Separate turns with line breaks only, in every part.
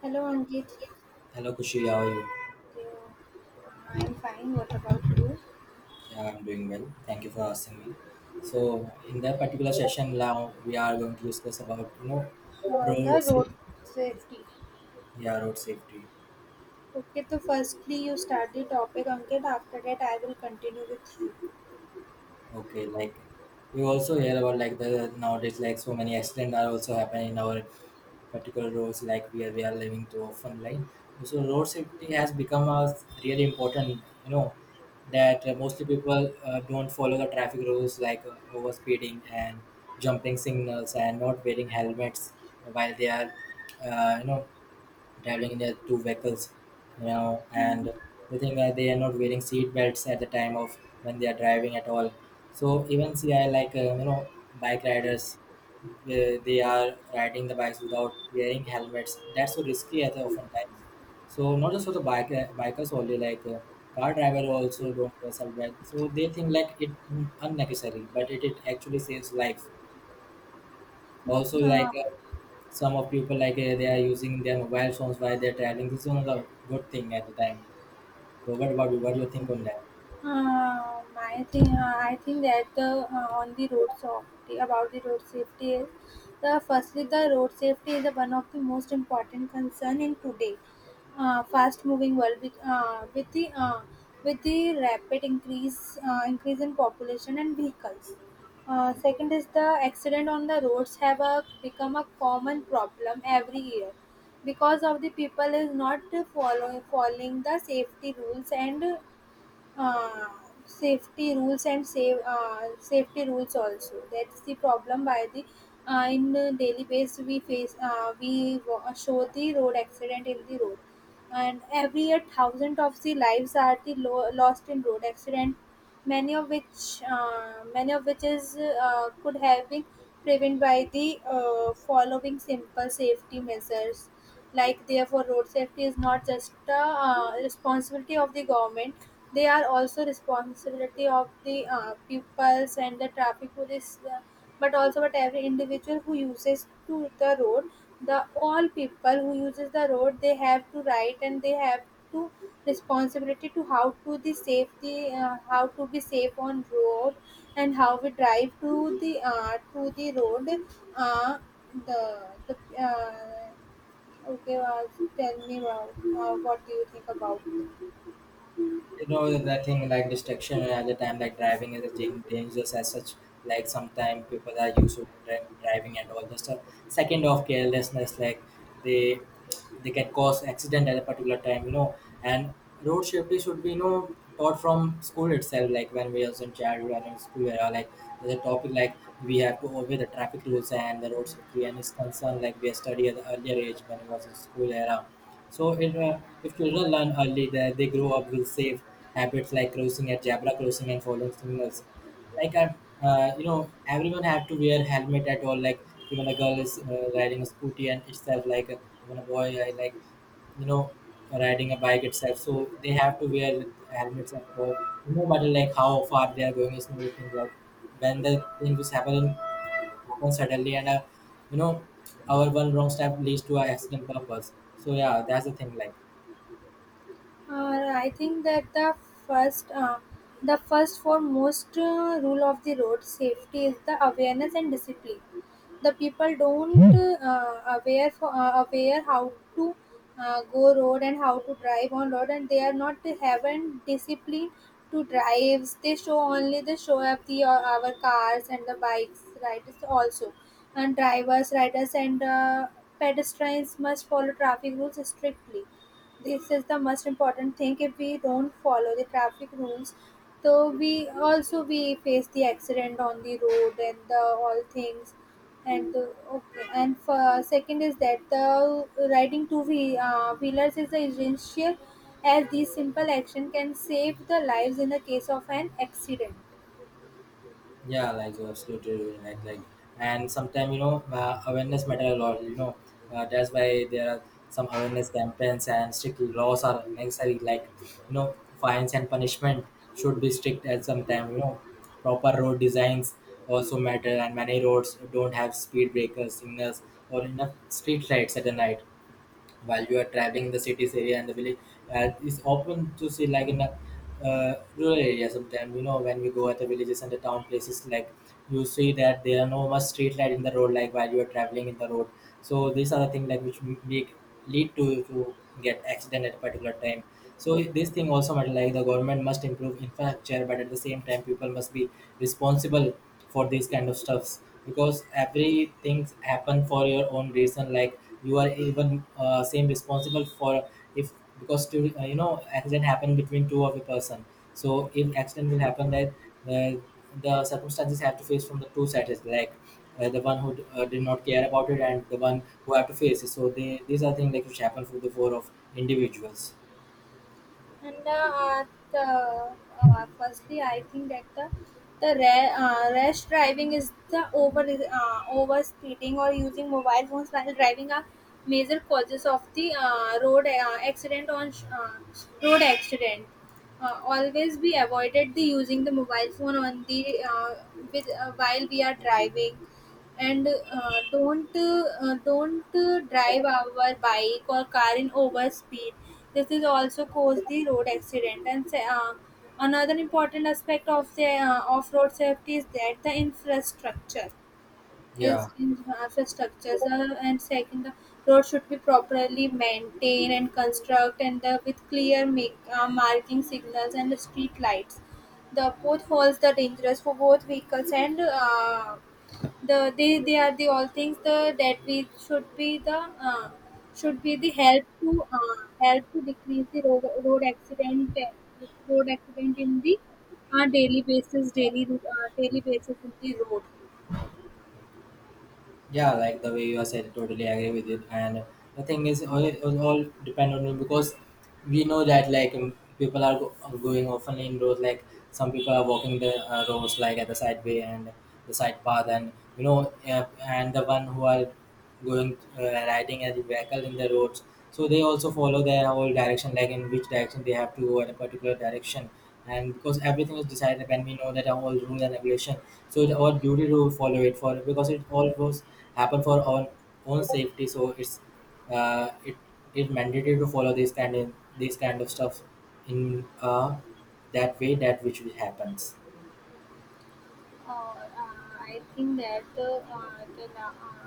Hello Ankit.
Hello Kushi, how are you?
Yeah, I'm fine. What about you?
Yeah, I'm doing well. Thank you for asking me. So in that particular session now we are going to discuss about
About
road
the
safety.
road safety.
Yeah, road safety.
Okay, so firstly you start the topic Ankit. After that I will continue with you.
Okay, like you also hear about like the nowadays like so many accidents are also happening in our particular roads like where we are living too often like. So road safety has become a really important, that mostly people don't follow the traffic rules, like over speeding and jumping signals and not wearing helmets while they are uh, you know traveling in their two vehicles, and the thing that they are not wearing seat belts at the time of when they are driving at all. So even see, I like bike riders, they are riding the bikes without wearing helmets. That's so risky at the often time. So not just for the bikers only, like car driver also don't wear seatbelt. So they think like it unnecessary, but it actually saves life. Also,
Uh,
like some of people like they are using their mobile phones while they're traveling. This is one of the good thing at the time. So what about you? What do you think on that?
my thing, I think that the on the road safety, about the road safety is, the firstly the road safety is the one of the most important concern in today, fast moving world with the rapid increase in population and vehicles. Second is the accident on the roads have a, become a common problem every year because of the people is not following the uh, safety rules and save safety rules also. That's the problem by the in the daily base we face, show the road accident in the road, and every year thousand of the lives are lost in road accident, many of which is could have been prevented by the following simple safety measures. Like, therefore, road safety is not just a responsibility of the government; they are also responsibility of the pupils and the traffic police, but also but every individual who uses to the road. The all people who uses the road, they have to right and they have to responsibility to how to the safety, how to be safe on road and how we drive to the road uh, the the uh, Okay, Vas, tell me about what do you think about?
You know, the thing like distraction at the time like driving is a dangerous as such, like sometimes people are used to driving and all. Just a second of carelessness, like they they can cause accident at a particular time, you know. And road safety should be, you know, taught from school itself, like when we was in childhood and in school era. Like there's a topic, like we have to obey the traffic rules and the road safety, and it's concern. Like we study at the earlier age when we was in school era. So it, if children learn early, that they grow up with safe habits like crossing at zebra crossing and following signals. Like I, everyone have to wear helmet at all. Like even a girl is riding a scooty and itself, like even a boy like you know riding a bike itself. So they have to wear helmets at all. No matter like how far they are going, it's another thing. Like when the thing was happen suddenly and you know our one wrong step leads to an accident purpose. So yeah, that's the thing like.
I think that first, uh, the first foremost rule of the road safety is the awareness and discipline. The people don't aware how to go road and how to drive on road, and they are not haven't discipline to drives. They show only they show up the our cars and the bikes, riders also, and drivers, riders, and pedestrians must follow traffic rules strictly. This is the most important thing. If we don't follow the traffic rules, so we also we face the accident on the road and the all things. And the, okay, and for second is that the riding two wheelers is essential as this simple action can save the lives in the case of an accident.
Yeah, like you're absolutely right, like and sometimes, you know, awareness matter a lot, you know. That's why there are some awareness campaigns and strict laws are necessary, like you know, fines and punishment should be strict at some time, you know. Proper road designs also matter, and many roads don't have speed breakers signals or enough street lights at the night while you are traveling the cities area and the village. It's open to see, like in a rural area, sometimes, you know, when we go at the villages and the town places, like you see that there are no much street light in the road, like while you are traveling in the road. So these are the things like which make lead to get accident at a particular time. So this thing also matter, like the government must improve infrastructure, but at the same time people must be responsible for these kind of stuffs because everything happen for your own reason, like you are even same responsible for if, because to, you know, accident happen between two of a person. So if accident will happen, that uh, the circumstances have to face from the two sides, like the one who did not care about it, and the one who have to face it. So they, these are things like which happen for the four of individuals.
And at firstly, I think that the rash driving is the over speeding or using mobile phones while driving are major causes of the road road accident. Always be avoided the using the mobile phone on the with while we are driving, and don't drive our bike or car in over speed. This is also cause the road accident and another important aspect of the off-road safety is that the
Yeah.
infrastructures. And second, the road should be properly maintained and construct and the with clear marking signals and the street lights. The potholes the dangerous for both vehicles and they are the all things the that we should be the help to help to decrease the road accident, road accident in the daily basis daily daily basis in the road.
Yeah, like the way you are said, totally agree with it. And the thing is, all depend on you because we know that, like people are are going often in roads. Like some people are walking the roads like at the side way and the side path. And, you know, yeah, and the one who are going riding as a vehicle in the roads, so they also follow their whole direction, like in which direction they have to go in a particular direction. And because everything is decided when we know that our whole rules and regulation, so it's our duty to follow it, for because it all was happen for our own safety. So it's, uh, it it mandatory to follow this kind of stuff in that way that which will happens.
Uh, uh, I think that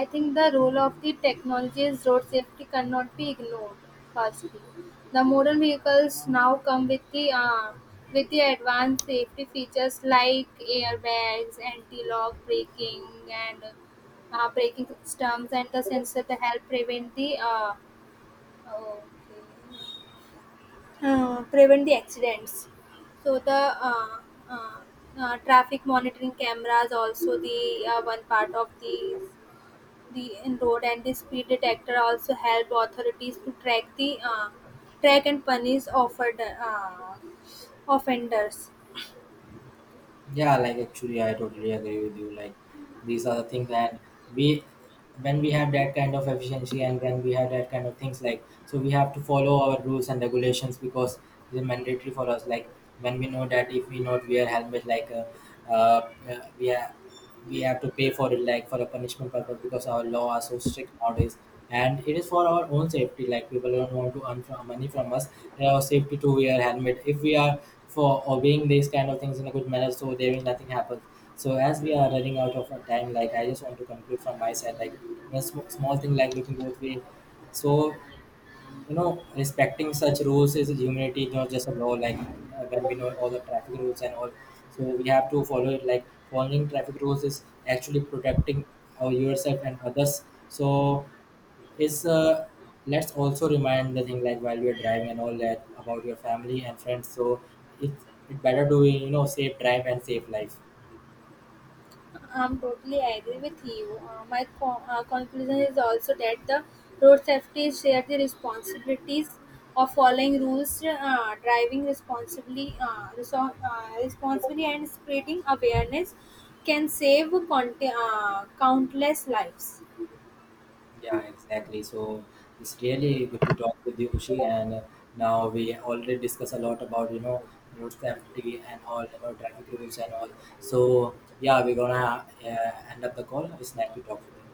I think the role of the technology is road safety cannot be ignored. Firstly, the modern vehicles now come with the advanced safety features like airbags, anti-lock braking, and braking systems, and the sensor to help prevent okay, prevent the accidents. So the uh, traffic monitoring cameras also the one part of the in road, and the speed detector also help authorities to track the track and punish offered offenders.
Yeah, like actually, I totally agree with you. Like these are the things that we, when we have that kind of efficiency and when we have that kind of things, like, so we have to follow our rules and regulations because it is mandatory for us. Like when we know that if we not wear helmet, like, uh, uh, we are we have to pay for it, like for a punishment purpose because our law are so strict nowadays. And it is for our own safety, like people don't want to earn from money from us, and our safety to wear helmet. If we are for obeying these kind of things in a good manner, so there will nothing happen. So as we are running out of our time, like I just want to conclude from my side, like a small thing like looking both way. So you know, respecting such rules is humanity, not just a law, like when we know all the traffic rules and all, so we have to follow it. Like following traffic rules is actually protecting our yourself and others. So is let's also remind the thing, like while we are driving and all, that about your family and friends. So it's it better to, you know, safe drive and safe life.
I'm totally agree with you. My conclusion is also that the road safety share the responsibilities of following rules, driving responsibly, responsibly, and spreading awareness can save countless lives.
Yeah, exactly. So it's really good to talk with you, Ushi. And now we already discussed a lot about, you know, road safety and all, you know, traffic rules and all. So yeah, we're gonna end up the call. It's nice to talk with you.